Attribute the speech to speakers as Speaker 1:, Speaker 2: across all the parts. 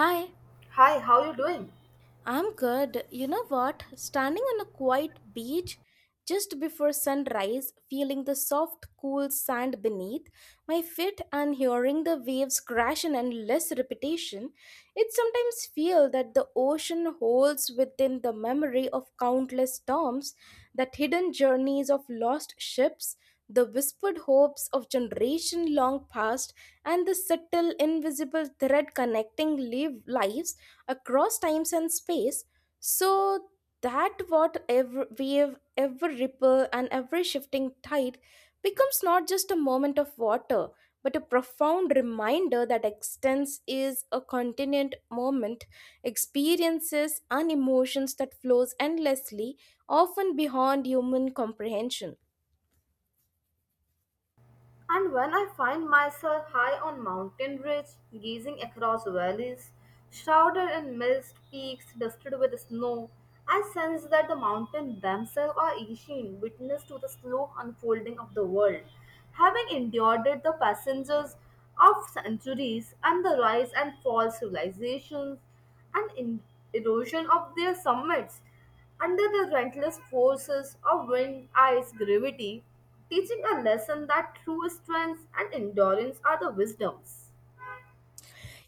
Speaker 1: Hi,
Speaker 2: Hi, how you doing?
Speaker 1: I'm good. You know what? Standing on a quiet beach just before sunrise, feeling the soft, cool sand beneath my feet and hearing the waves crash in endless repetition, it sometimes feels that the ocean holds within the memory of countless storms, that hidden journeys of lost ships, the whispered hopes of generation long past, and the subtle invisible thread connecting live lives across times and space, so that what every wave, every ripple, and every shifting tide becomes not just a moment of water, but a profound reminder that existence is a continuant moment, experiences and emotions that flows endlessly, often beyond human comprehension.
Speaker 2: And when I find myself high on mountain ridge, gazing across valleys, shrouded in mist, peaks dusted with snow, I sense that the mountains themselves are ancient, witness to the slow unfolding of the world, having endured it, the passengers of centuries and the rise and fall civilizations, and in erosion of their summits under the relentless forces of wind, ice, gravity, teaching a lesson that true strength and endurance are the wisdoms.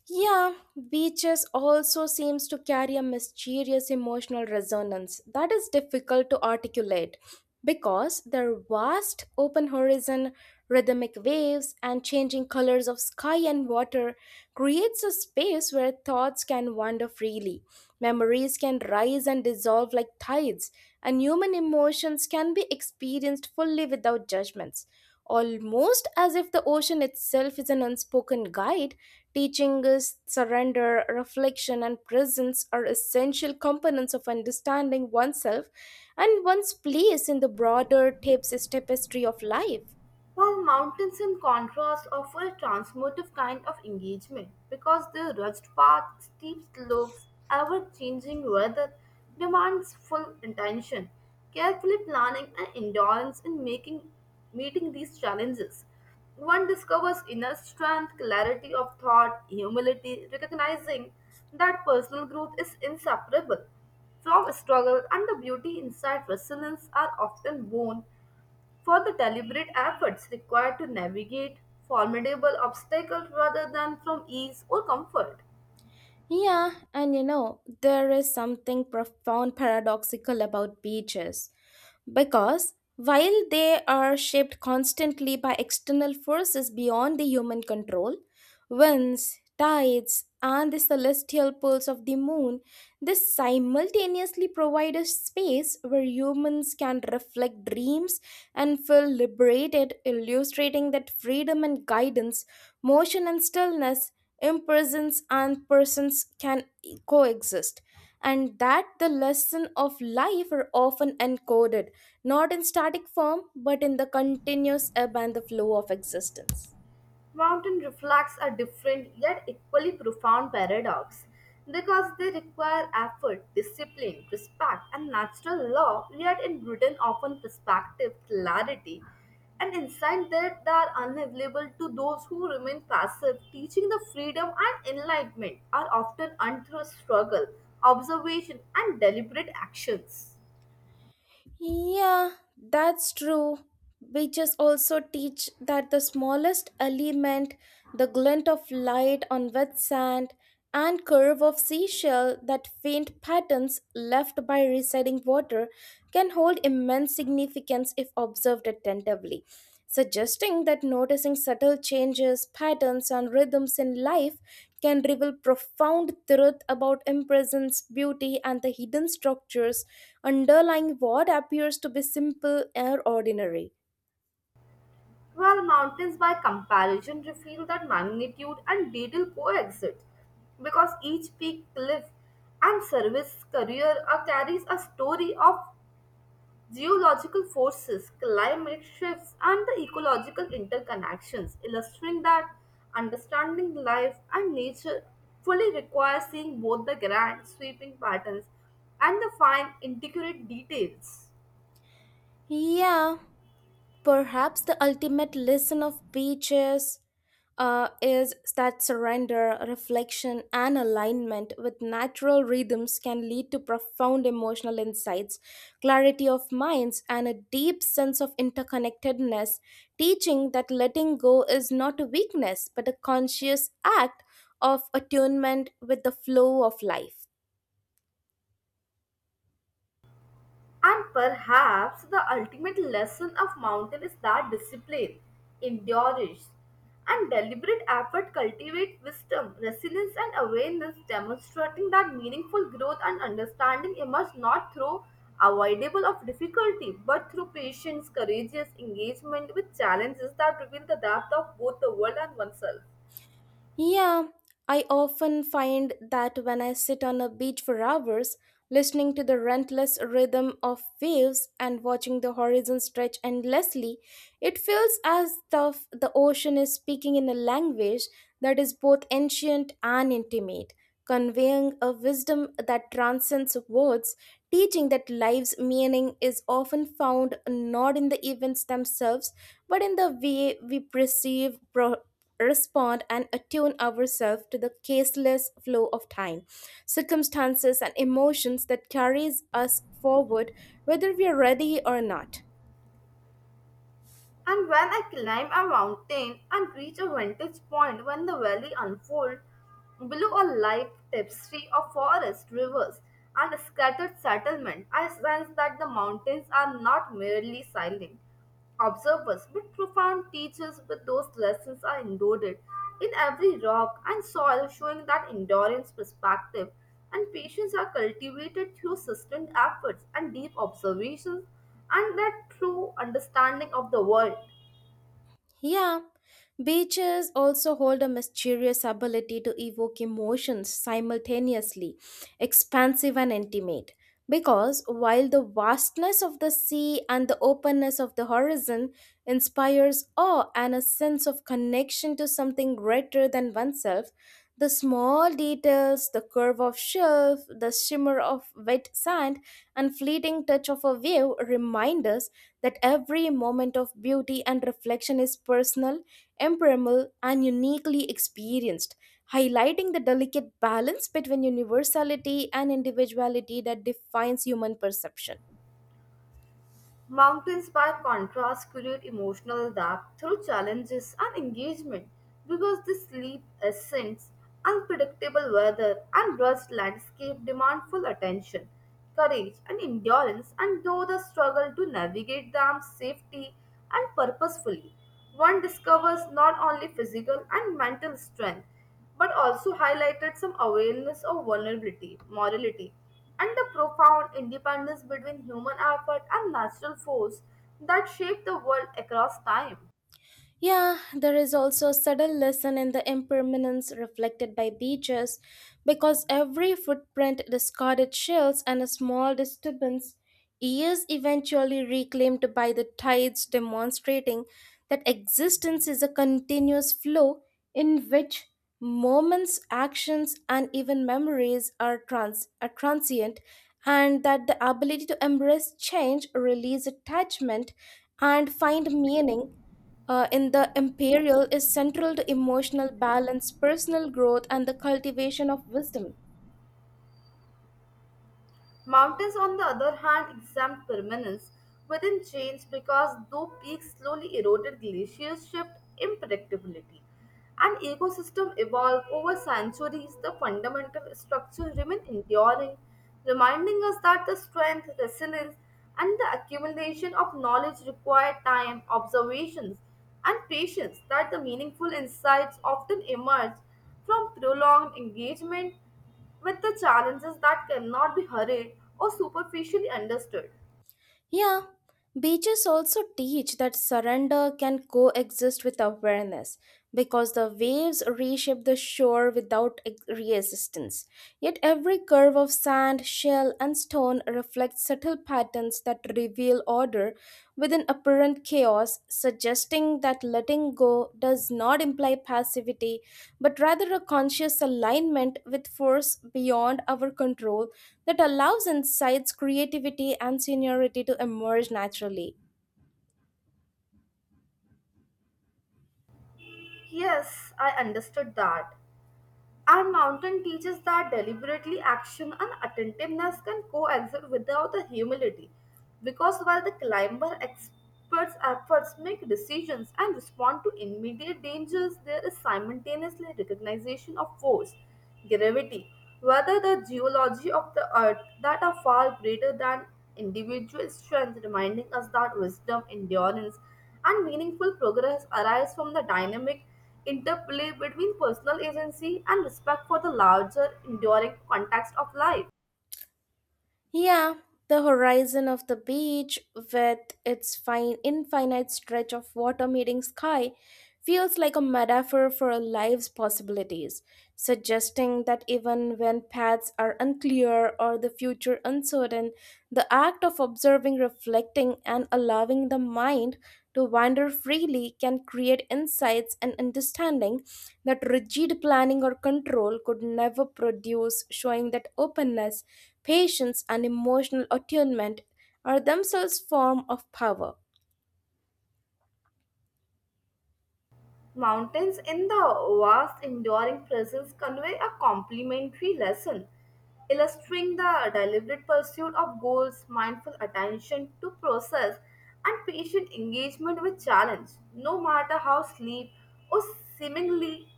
Speaker 1: Yeah, beaches also seems to carry a mysterious emotional resonance that is difficult to articulate because their vast open horizon, rhythmic waves, and changing colors of sky and water creates a space where thoughts can wander freely. Memories can rise and dissolve like tides, and human emotions can be experienced fully without judgments, almost as if the ocean itself is an unspoken guide, teaching us surrender, reflection, and presence are essential components of understanding oneself and one's place in the broader tapes tapestry of life.
Speaker 2: While mountains, in contrast, offer a transformative kind of engagement because their rugged paths, steep slopes, ever changing weather demands full attention, carefully planning, and endurance in making meeting these challenges. One discovers inner strength, clarity of thought, humility, recognizing that personal growth is inseparable from struggle, and the beauty inside resilience are often born for the deliberate efforts required to navigate formidable obstacles rather than from ease or comfort.
Speaker 1: Yeah, and you know, there is something profound paradoxical about beaches. Because while they are shaped constantly by external forces beyond the human control, winds, tides, and the celestial pulse of the moon, they simultaneously provide a space where humans can reflect dreams and feel liberated, illustrating that freedom and guidance, motion and stillness, impersons and persons can e-, coexist, and that the lesson of life are often encoded not in static form but in the continuous ebb and the flow of existence.
Speaker 2: Mountain reflects a different yet equally profound paradox, because they require effort, discipline, respect, and natural law, yet in Britain often perspective, clarity, and insight that they are unavailable to those who remain passive, teaching the freedom and enlightenment are often earned through struggle, observation, and deliberate actions.
Speaker 1: Yeah, that's true. Witches also teach that the smallest element, the glint of light on wet sand and curve of seashell, that faint patterns left by receding water can hold immense significance if observed attentively, suggesting that noticing subtle changes, patterns, and rhythms in life can reveal profound truth about impressions, beauty, and the hidden structures underlying what appears to be simple or ordinary.
Speaker 2: While mountains, by comparison, reveal that magnitude and detail coexist because each peak, cliff, and service career are- carries a story of geological forces, climate shifts, and the ecological interconnections, illustrating that understanding life and nature fully requires seeing both the grand sweeping patterns and the fine intricate details.
Speaker 1: Yeah, perhaps the ultimate lesson of beaches is that surrender, reflection, and alignment with natural rhythms can lead to profound emotional insights, clarity of minds, and a deep sense of interconnectedness, teaching that letting go is not a weakness but a conscious act of attunement with the flow of life.
Speaker 2: And perhaps the ultimate lesson of mountain is that discipline, endurance, and deliberate effort cultivate wisdom, resilience, and awareness, demonstrating that meaningful growth and understanding emerge not through avoidable of difficulty, but through patience, courageous engagement with challenges that reveal the depth of both the world and oneself.
Speaker 1: Yeah, I often find that when I sit on a beach for hours, listening to the relentless rhythm of waves and watching the horizon stretch endlessly, it feels as though the ocean is speaking in a language that is both ancient and intimate, conveying a wisdom that transcends words, teaching that life's meaning is often found not in the events themselves, but in the way we perceive, respond, and attune ourselves to the caseless flow of time, circumstances, and emotions that carries us forward, whether we are ready or not.
Speaker 2: And when I climb a mountain and reach a vantage point when the valley unfolds, below a light tapestry of forest, rivers, and scattered settlement, I sense that the mountains are not merely silent observers but profound teachers with those lessons are endured in every rock and soil showing that endurance perspective and patience are cultivated through sustained efforts and deep observations and that true understanding of the world.
Speaker 1: Yeah, beaches also hold a mysterious ability to evoke emotions simultaneously, expansive and intimate. Because while the vastness of the sea and the openness of the horizon inspires awe and a sense of connection to something greater than oneself, the small details, the curve of shelf, the shimmer of wet sand, and fleeting touch of a wave remind us that every moment of beauty and reflection is personal, impermeable, and uniquely experienced, highlighting the delicate balance between universality and individuality that defines human perception.
Speaker 2: Mountains, by contrast, create emotional depth through challenges and engagement because the sleep ascents, unpredictable weather, and rust landscape demand full attention, courage, and endurance, and though the struggle to navigate them safely and purposefully. One discovers not only physical and mental strength but also highlighted some awareness of vulnerability, morality, and the profound independence between human effort and natural force that shape the world across time.
Speaker 1: Yeah, there is also a subtle lesson in the impermanence reflected by beaches because every footprint, discarded shells, and a small disturbance is eventually reclaimed by the tides, demonstrating that existence is a continuous flow in which moments, actions, and even memories are, are transient, and that the ability to embrace change, release attachment, and find meaning in the imperial is central to emotional balance, personal growth, and the cultivation of wisdom.
Speaker 2: Mountains, on the other hand, exempt permanence within change because though peaks slowly eroded, glaciers shift impredictability. An ecosystem evolved over centuries, the fundamental structure remain enduring, reminding us that the strength, resilience, and the accumulation of knowledge require time, observations, and patience that the meaningful insights often emerge from prolonged engagement with the challenges that cannot be hurried or superficially understood.
Speaker 1: Yeah, beaches also teach that surrender can coexist with awareness, because the waves reshape the shore without resistance. Yet every curve of sand, shell, and stone reflects subtle patterns that reveal order within apparent chaos, suggesting that letting go does not imply passivity but rather a conscious alignment with force beyond our control that allows insights, creativity, and seniority to emerge naturally.
Speaker 2: Yes, I understood that. And Mountain teaches that deliberately action and attentiveness can coexist without the humility, because while the climber experts' efforts make decisions and respond to immediate dangers, there is simultaneously recognition of force gravity, whether the geology of the earth that are far greater than individual strength, reminding us that wisdom, endurance, and meaningful progress arise from the dynamic interplay between personal agency and respect for the larger, enduring context of life.
Speaker 1: Yeah, the horizon of the beach, with its fine infinite stretch of water meeting sky, feels like a metaphor for a life's possibilities, suggesting that even when paths are unclear or the future uncertain, the act of observing, reflecting, and allowing the mind to wander freely can create insights and understanding that rigid planning or control could never produce, showing that openness, patience, and emotional attunement are themselves forms of power.
Speaker 2: Mountains in the vast enduring presence convey a complementary lesson, illustrating the deliberate pursuit of goals, mindful attention to process, and patient engagement with challenge, no matter how sleep or seemingly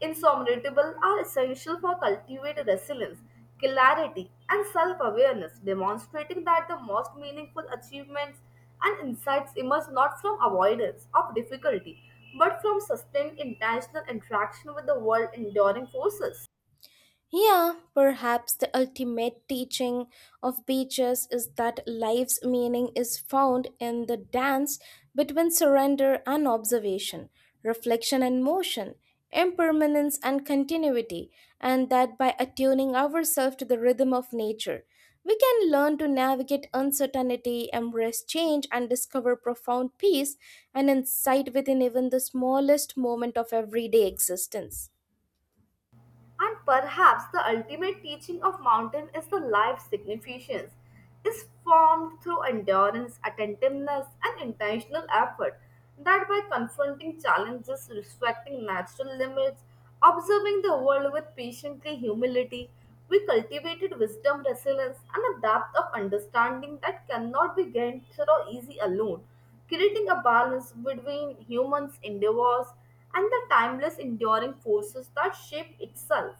Speaker 2: insurmountable are essential for cultivating resilience, clarity, and self awareness, demonstrating that the most meaningful achievements and insights emerge not from avoidance of difficulty but from sustained intentional interaction with the world enduring forces.
Speaker 1: Yeah, perhaps the ultimate teaching of beaches is that life's meaning is found in the dance between surrender and observation, reflection and motion, impermanence and continuity, and that by attuning ourselves to the rhythm of nature, we can learn to navigate uncertainty, embrace change, and discover profound peace and insight within even the smallest moment of everyday existence.
Speaker 2: And perhaps the ultimate teaching of mountain is the life significance is formed through endurance, attentiveness, and intentional effort, that by confronting challenges, respecting natural limits, observing the world with patiently humility, we cultivated wisdom, resilience, and a depth of understanding that cannot be gained through easy alone, creating a balance between humans' endeavors and the timeless enduring forces that shape itself.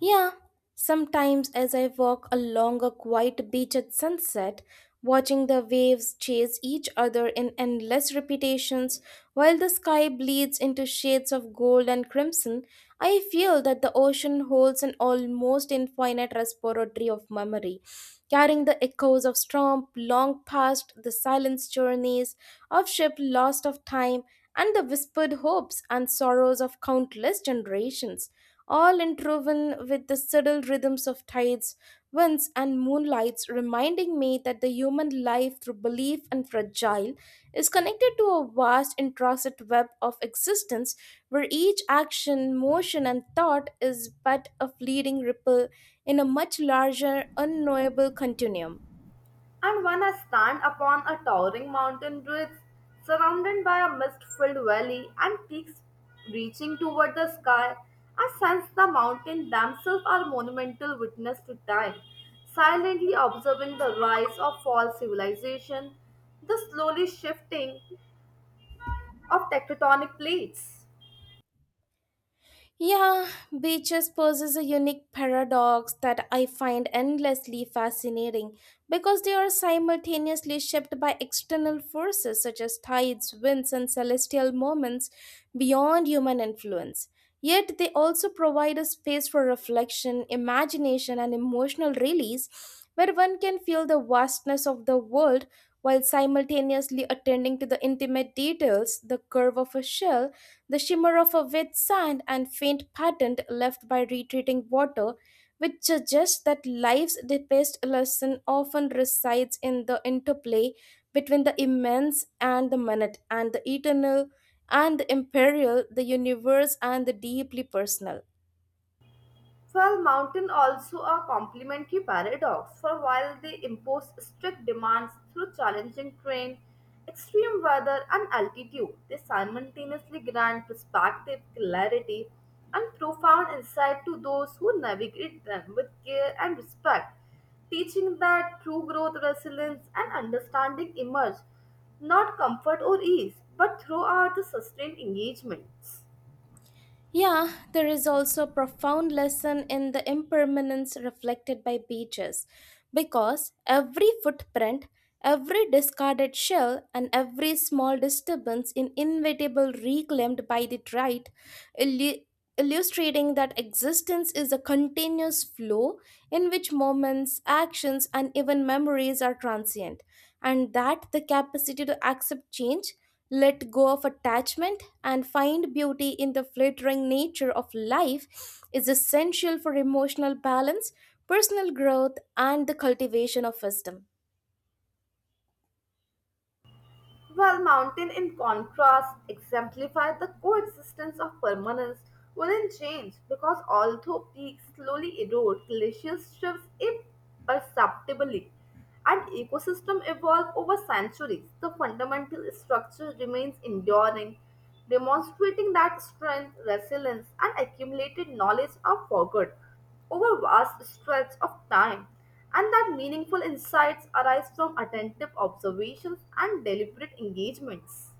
Speaker 1: Yeah, sometimes as I walk along a quiet beach at sunset, watching the waves chase each other in endless repetitions while the sky bleeds into shades of gold and crimson, I feel that the ocean holds an almost infinite repository of memory, carrying the echoes of storm long past, the silence journeys of ship lost of time, and the whispered hopes and sorrows of countless generations, all interwoven with the subtle rhythms of tides, winds, and moonlights, it's reminding me that the human life, through belief and fragile, is connected to a vast, intricate web of existence where each action, motion, and thought is but a fleeting ripple in a much larger, unknowable continuum.
Speaker 2: And when I stand upon a towering mountain ridge, surrounded by a mist filled valley and peaks reaching toward the sky, I sense the mountains themselves are monumental witness to time, silently observing the rise of fall civilization, the slowly shifting of tectonic plates.
Speaker 1: Yeah, beaches possess a unique paradox that I find endlessly fascinating because they are simultaneously shaped by external forces such as tides, winds, and celestial moments beyond human influence. Yet they also provide a space for reflection, imagination, and emotional release, where one can feel the vastness of the world while simultaneously attending to the intimate details, the curve of a shell, the shimmer of a wet sand, and faint pattern left by retreating water, which suggests that life's deepest lesson often resides in the interplay between the immense and the minute, and the eternal and the imperial, the universe and the deeply personal.
Speaker 2: Well, mountain also a complementary paradox, for while they impose strict demands through challenging terrain, extreme weather, and altitude, they simultaneously grant perspective, clarity, and profound insight to those who navigate them with care and respect, teaching that true growth, resilience, and understanding emerge not comfort or ease, but throughout the sustained engagements.
Speaker 1: Yeah, there is also a profound lesson in the impermanence reflected by beaches because every footprint, every discarded shell, and every small disturbance is inevitable reclaimed by the tide, illustrating that existence is a continuous flow in which moments, actions, and even memories are transient, and that the capacity to accept change, let go of attachment, and find beauty in the flittering nature of life is essential for emotional balance, personal growth, and the cultivation of wisdom.
Speaker 2: While mountain, in contrast, exemplify the coexistence of permanence within change because although peaks slowly erode, glaciers shifts imperceptibly, and ecosystem evolve over centuries, the fundamental structure remains enduring, demonstrating that strength, resilience, and accumulated knowledge are forgot over vast stretches of time and that meaningful insights arise from attentive observations and deliberate engagements.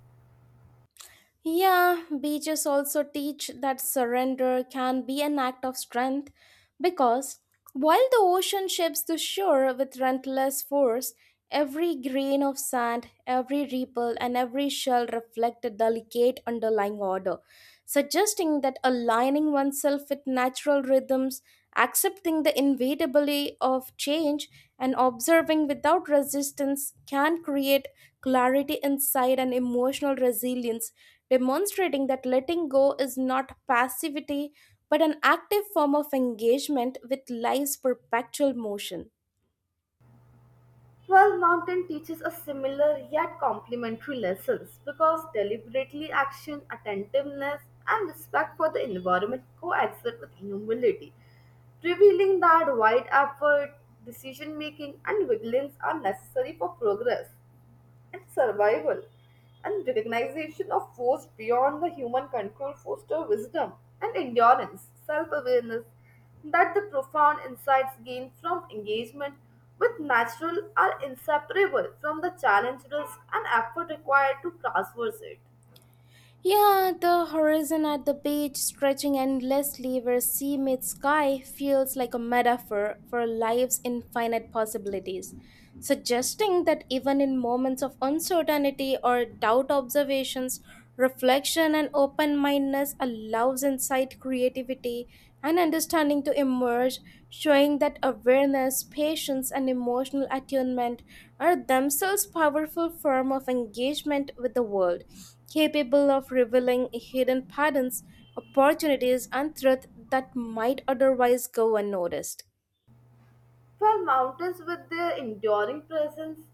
Speaker 1: Yeah, beaches also teach that surrender can be an act of strength because while the ocean shapes the shore with relentless force, every grain of sand, every ripple, and every shell reflect a delicate underlying order, suggesting that aligning oneself with natural rhythms, accepting the inevitability of change, and observing without resistance can create clarity inside and emotional resilience, demonstrating that letting go is not passivity but an active form of engagement with life's perpetual motion.
Speaker 2: Well, Mountain teaches us similar yet complementary lessons because deliberately action, attentiveness, and respect for the environment coexist with humility, revealing that wide effort, decision making, and vigilance are necessary for progress and survival, and recognition of force beyond the human control foster wisdom and endurance self-awareness that the profound insights gained from engagement with natural are inseparable from the challenge risk and effort required to traverse it.
Speaker 1: Yeah, the horizon at the beach stretching endlessly where sea meets sky feels like a metaphor for life's infinite possibilities, suggesting that even in moments of uncertainty or doubt, observations, reflection, and open-mindedness allows insight, creativity, and understanding to emerge, showing that awareness, patience, and emotional attunement are themselves powerful form of engagement with the world, capable of revealing hidden patterns, opportunities, and threats that might otherwise go unnoticed.
Speaker 2: While mountains, with their enduring presence,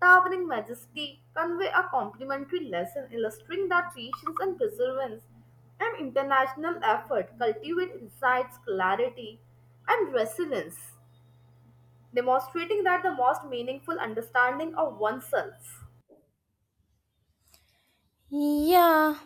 Speaker 2: towering majesty, convey a complementary lesson illustrating that patience and perseverance and international effort cultivate insights, clarity, and resilience, demonstrating that the most meaningful understanding of oneself.
Speaker 1: Yeah,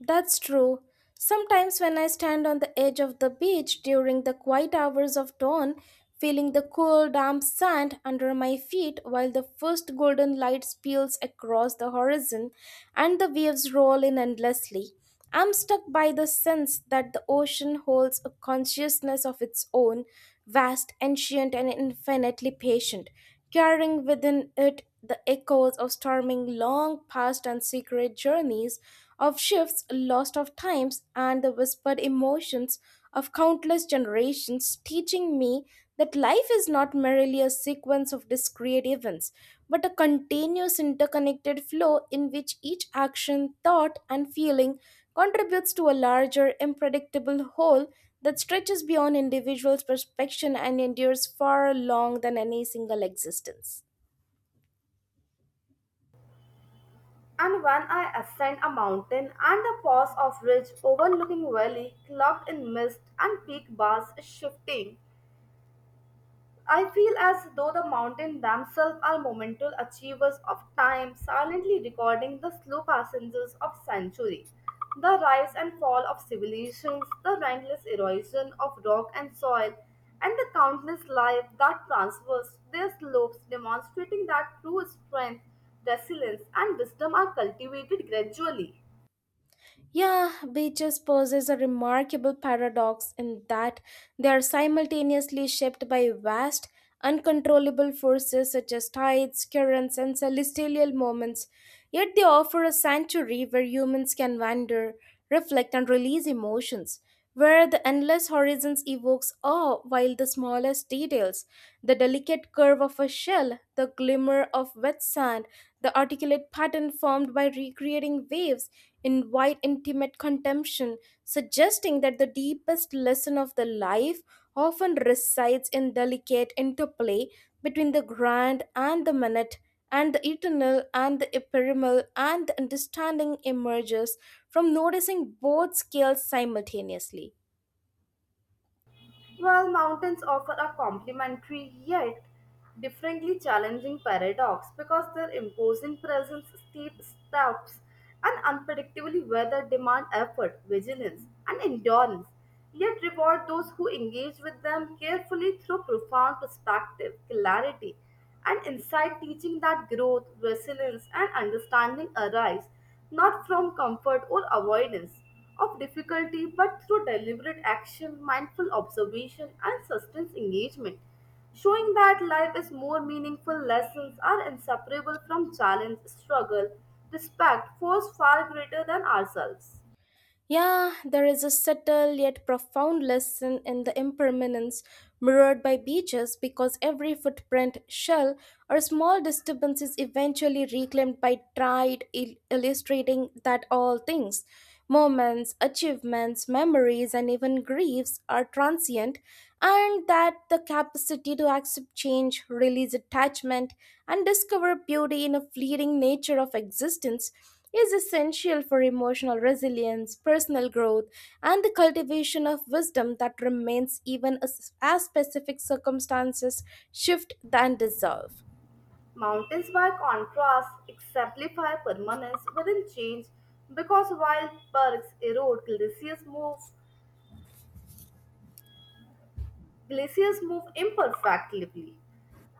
Speaker 1: that's true. Sometimes when I stand on the edge of the beach during the quiet hours of dawn, feeling the cool, damp sand under my feet while the first golden light spills across the horizon and the waves roll in endlessly, I'm stuck by the sense that the ocean holds a consciousness of its own, vast, ancient, and infinitely patient, carrying within it the echoes of storming long past and secret journeys, of shifts lost of times, and the whispered emotions of countless generations, teaching me that life is not merely a sequence of discrete events, but a continuous interconnected flow in which each action, thought, and feeling contributes to a larger, unpredictable whole that stretches beyond individuals' perception and endures far along than any single existence.
Speaker 2: And when I ascend a mountain and a pass of ridge overlooking valley cloaked in mist and peak bars is shifting, I feel as though the mountains themselves are monumental achievers of time, silently recording the slow passengers of centuries, the rise and fall of civilizations, the relentless erosion of rock and soil, and the countless lives that traverse their slopes, demonstrating that true strength, resilience, and wisdom are cultivated gradually.
Speaker 1: Yeah, beaches poses a remarkable paradox in that they are simultaneously shaped by vast, uncontrollable forces such as tides, currents, and celestial moments, yet they offer a sanctuary where humans can wander, reflect, and release emotions where the endless horizons evokes awe while the smallest details, the delicate curve of a shell, the glimmer of wet sand, the articulate pattern formed by recreating waves in wide intimate contemplation, suggesting that the deepest lesson of the life often resides in delicate interplay between the grand and the minute and the eternal and the ephemeral, and the understanding emerges from noticing both scales simultaneously.
Speaker 2: While mountains offer a complementary yet differently challenging paradox because their imposing presence, steep steps, and unpredictably weather demand effort, vigilance, and endurance, yet reward those who engage with them carefully through profound perspective, clarity, and insight teaching that growth, resilience, and understanding arise not from comfort or avoidance of difficulty but through deliberate action, mindful observation, and sustained engagement, showing that life is more meaningful. Lessons are inseparable from challenge, struggle, respect, force far greater than ourselves.
Speaker 1: Yeah, there is a subtle yet profound lesson in the impermanence mirrored by beaches because every footprint, shell, or small disturbance is eventually reclaimed by tide, illustrating that all things, moments, achievements, memories, and even griefs are transient, and that the capacity to accept change, release attachment, and discover beauty in a fleeting nature of existence is essential for emotional resilience, personal growth, and the cultivation of wisdom that remains even as specific circumstances shift than dissolve.
Speaker 2: Mountains, by contrast, exemplify permanence within change because while bergs erode, glaciers move imperfectly,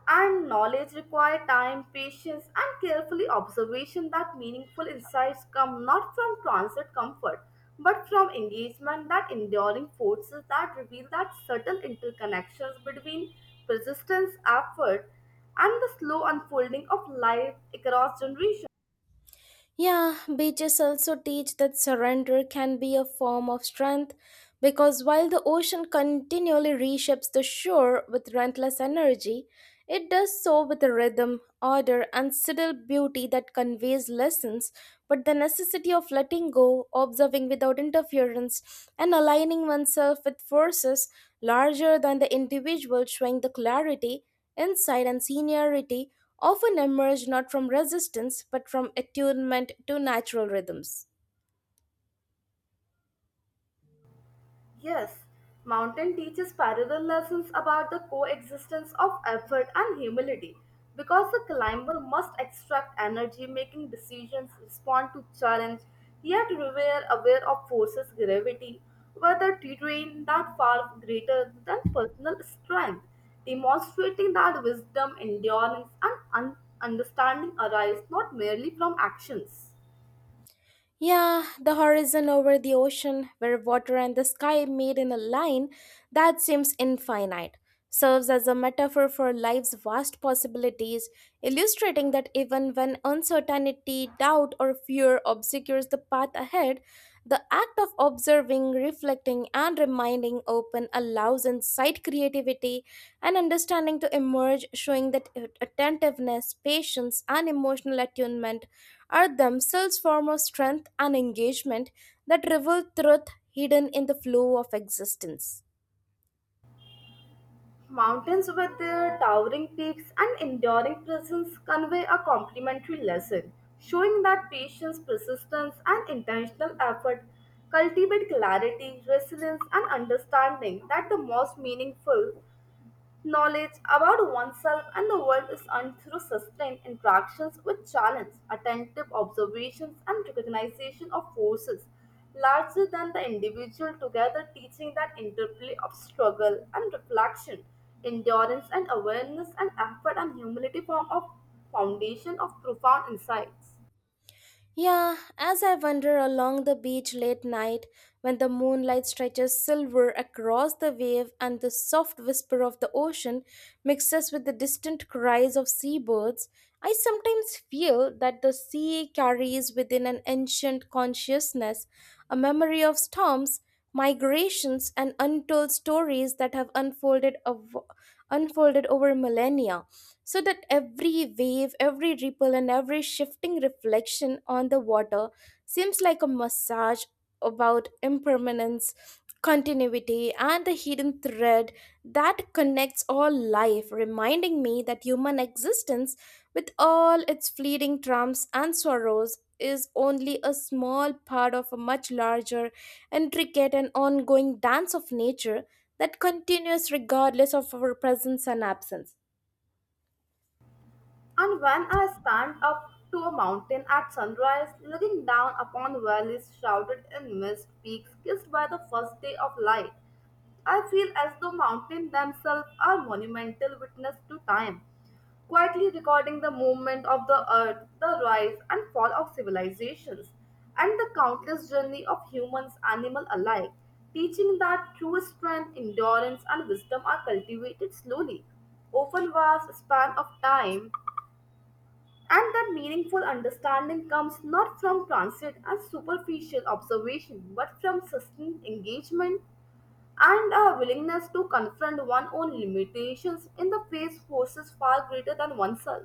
Speaker 2: and knowledge requires time, patience, and carefully observation that meaningful insights come not from transit comfort, but from engagement that enduring forces that reveal that subtle interconnections between persistence, effort, and the slow unfolding of life across generations.
Speaker 1: Yeah, beaches also teach that surrender can be a form of strength because while the ocean continually reshapes the shore with relentless energy, it does so with a rhythm, order, and subtle beauty that conveys lessons, but the necessity of letting go, observing without interference, and aligning oneself with forces larger than the individual showing the clarity, insight, and seniority often emerge not from resistance but from attunement to natural rhythms.
Speaker 2: Yes, Mountain teaches parallel lessons about the coexistence of effort and humility because the climber must extract energy, making decisions, respond to challenge, yet remain aware of forces gravity, whether terrain that far greater than personal strength, demonstrating that wisdom, endurance, and understanding arise not merely from actions.
Speaker 1: Yeah, the horizon over the ocean, where water and the sky meet in a line that seems infinite, serves as a metaphor for life's vast possibilities, illustrating that even when uncertainty, doubt, or fear obscures the path ahead, the act of observing, reflecting, and reminding open allows insight, creativity, and understanding to emerge, showing that attentiveness, patience, and emotional attunement are themselves forms of strength and engagement that reveal truth hidden in the flow of existence.
Speaker 2: Mountains with their towering peaks and enduring presence convey a complementary lesson, showing that patience, persistence, and intentional effort cultivate clarity, resilience, and understanding that the most meaningful knowledge about oneself and the world is earned through sustained interactions with challenge, attentive observations, and recognition of forces larger than the individual, together teaching that interplay of struggle and reflection, endurance and awareness, and effort and humility form a foundation of profound insights.
Speaker 1: Yeah, as I wander along the beach late night, when the moonlight stretches silver across the wave and the soft whisper of the ocean mixes with the distant cries of seabirds, I sometimes feel that the sea carries within an ancient consciousness, a memory of storms, migrations, and untold stories that have unfolded over millennia. So that every wave, every ripple, and every shifting reflection on the water seems like a massage about impermanence, continuity, and the hidden thread that connects all life, reminding me that human existence, with all its fleeting triumphs and sorrows, is only a small part of a much larger, intricate, and ongoing dance of nature that continues regardless of our presence and absence.
Speaker 2: And when I stand up to a mountain at sunrise, looking down upon valleys shrouded in mist, peaks kissed by the first day of light, I feel as though mountains themselves are monumental witness to time, quietly recording the movement of the earth, the rise and fall of civilizations, and the countless journey of humans, animal alike, teaching that true strength, endurance, and wisdom are cultivated slowly, over vast span of time, and that meaningful understanding comes not from transit and superficial observation, but from sustained engagement and a willingness to confront one's own limitations in the face forces far greater than oneself.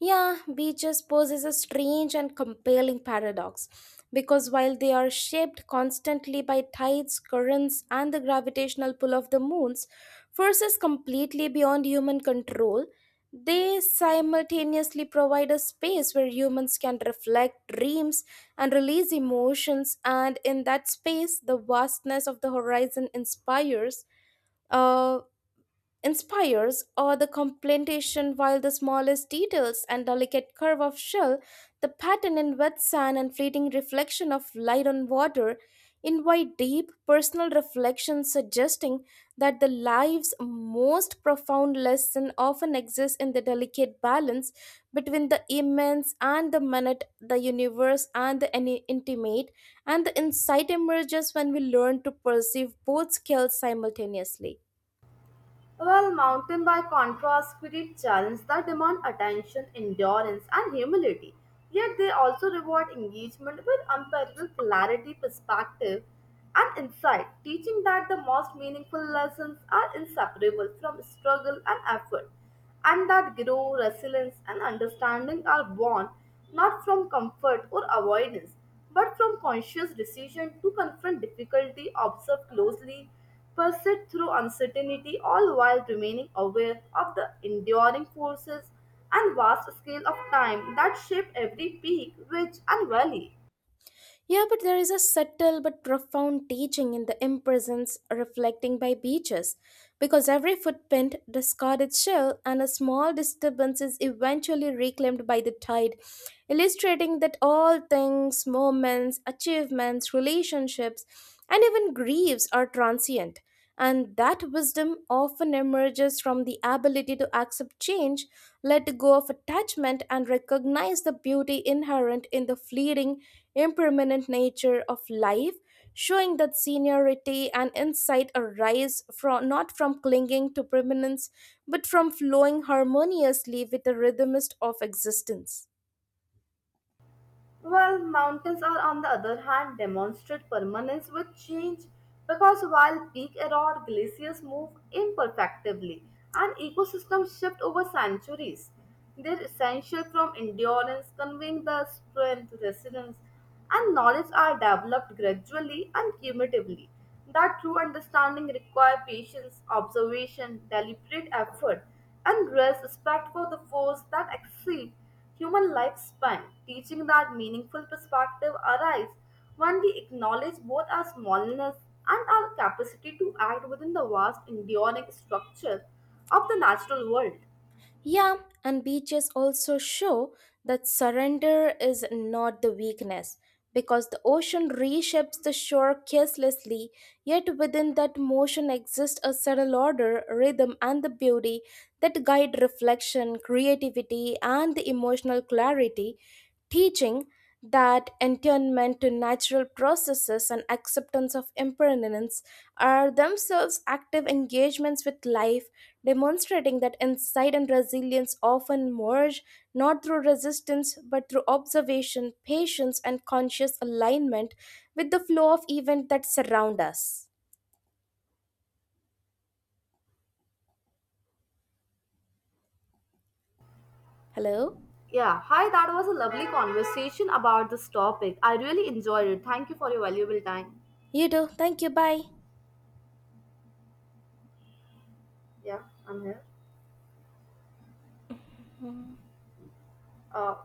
Speaker 1: Yeah, beaches poses a strange and compelling paradox because while they are shaped constantly by tides, currents, and the gravitational pull of the moon's forces completely beyond human control, they simultaneously provide a space where humans can reflect dreams and release emotions, and in that space, the vastness of the horizon inspires. uh, Inspires or the complementation, while the smallest details and delicate curve of shell, the pattern in wet sand, and fleeting reflection of light on water invite deep personal reflection, suggesting that the life's most profound lesson often exists in the delicate balance between the immense and the minute, the universe and the intimate, and the insight emerges when we learn to perceive both scales simultaneously.
Speaker 2: Well, mountain by contrast, spirit challenge that demand attention, endurance, and humility. Yet they also reward engagement with unparalleled clarity, perspective, and insight, teaching that the most meaningful lessons are inseparable from struggle and effort, and that growth, resilience, and understanding are born not from comfort or avoidance, but from conscious decision to confront difficulty, observe closely, persist through uncertainty, all while remaining aware of the enduring forces and vast scale of time that shape every peak, ridge, and valley.
Speaker 1: Yeah, but there is a subtle but profound teaching in the imprisons reflecting by beaches, because every footprint, discarded shell, and a small disturbance is eventually reclaimed by the tide, illustrating that all things, moments, achievements, relationships, and even griefs are transient. And that wisdom often emerges from the ability to accept change, let go of attachment, and recognize the beauty inherent in the fleeting, impermanent nature of life, showing that seniority and insight arise from, not from clinging to permanence, but from flowing harmoniously with the rhythmist of existence.
Speaker 2: Well, mountains are, on the other hand, demonstrate permanence with change because while peak erode, glaciers move imperfectively and ecosystems shift over centuries. They're essential from endurance, conveying the strength, resilience, and knowledge are developed gradually and cumulatively, that true understanding requires patience, observation, deliberate effort, and great respect for the force that exceed human lifespan, teaching that meaningful perspective arises when we acknowledge both our smallness and our capacity to act within the vast enduring structure of the natural world.
Speaker 1: Yeah, and beaches also show that surrender is not the weakness because the ocean reshapes the shore carelessly, yet within that motion exists a subtle order, rhythm, and the beauty that guide reflection, creativity, and the emotional clarity, teaching that attunement to natural processes and acceptance of impermanence are themselves active engagements with life, demonstrating that insight and resilience often merge not through resistance but through observation, patience, and conscious alignment with the flow of events that surround us. Hello?
Speaker 2: Yeah, hi, that was a lovely conversation about this topic. I really enjoyed it. Thank you for your valuable time.
Speaker 1: You too. Thank you. Bye.
Speaker 2: Yeah, I'm here. Uh,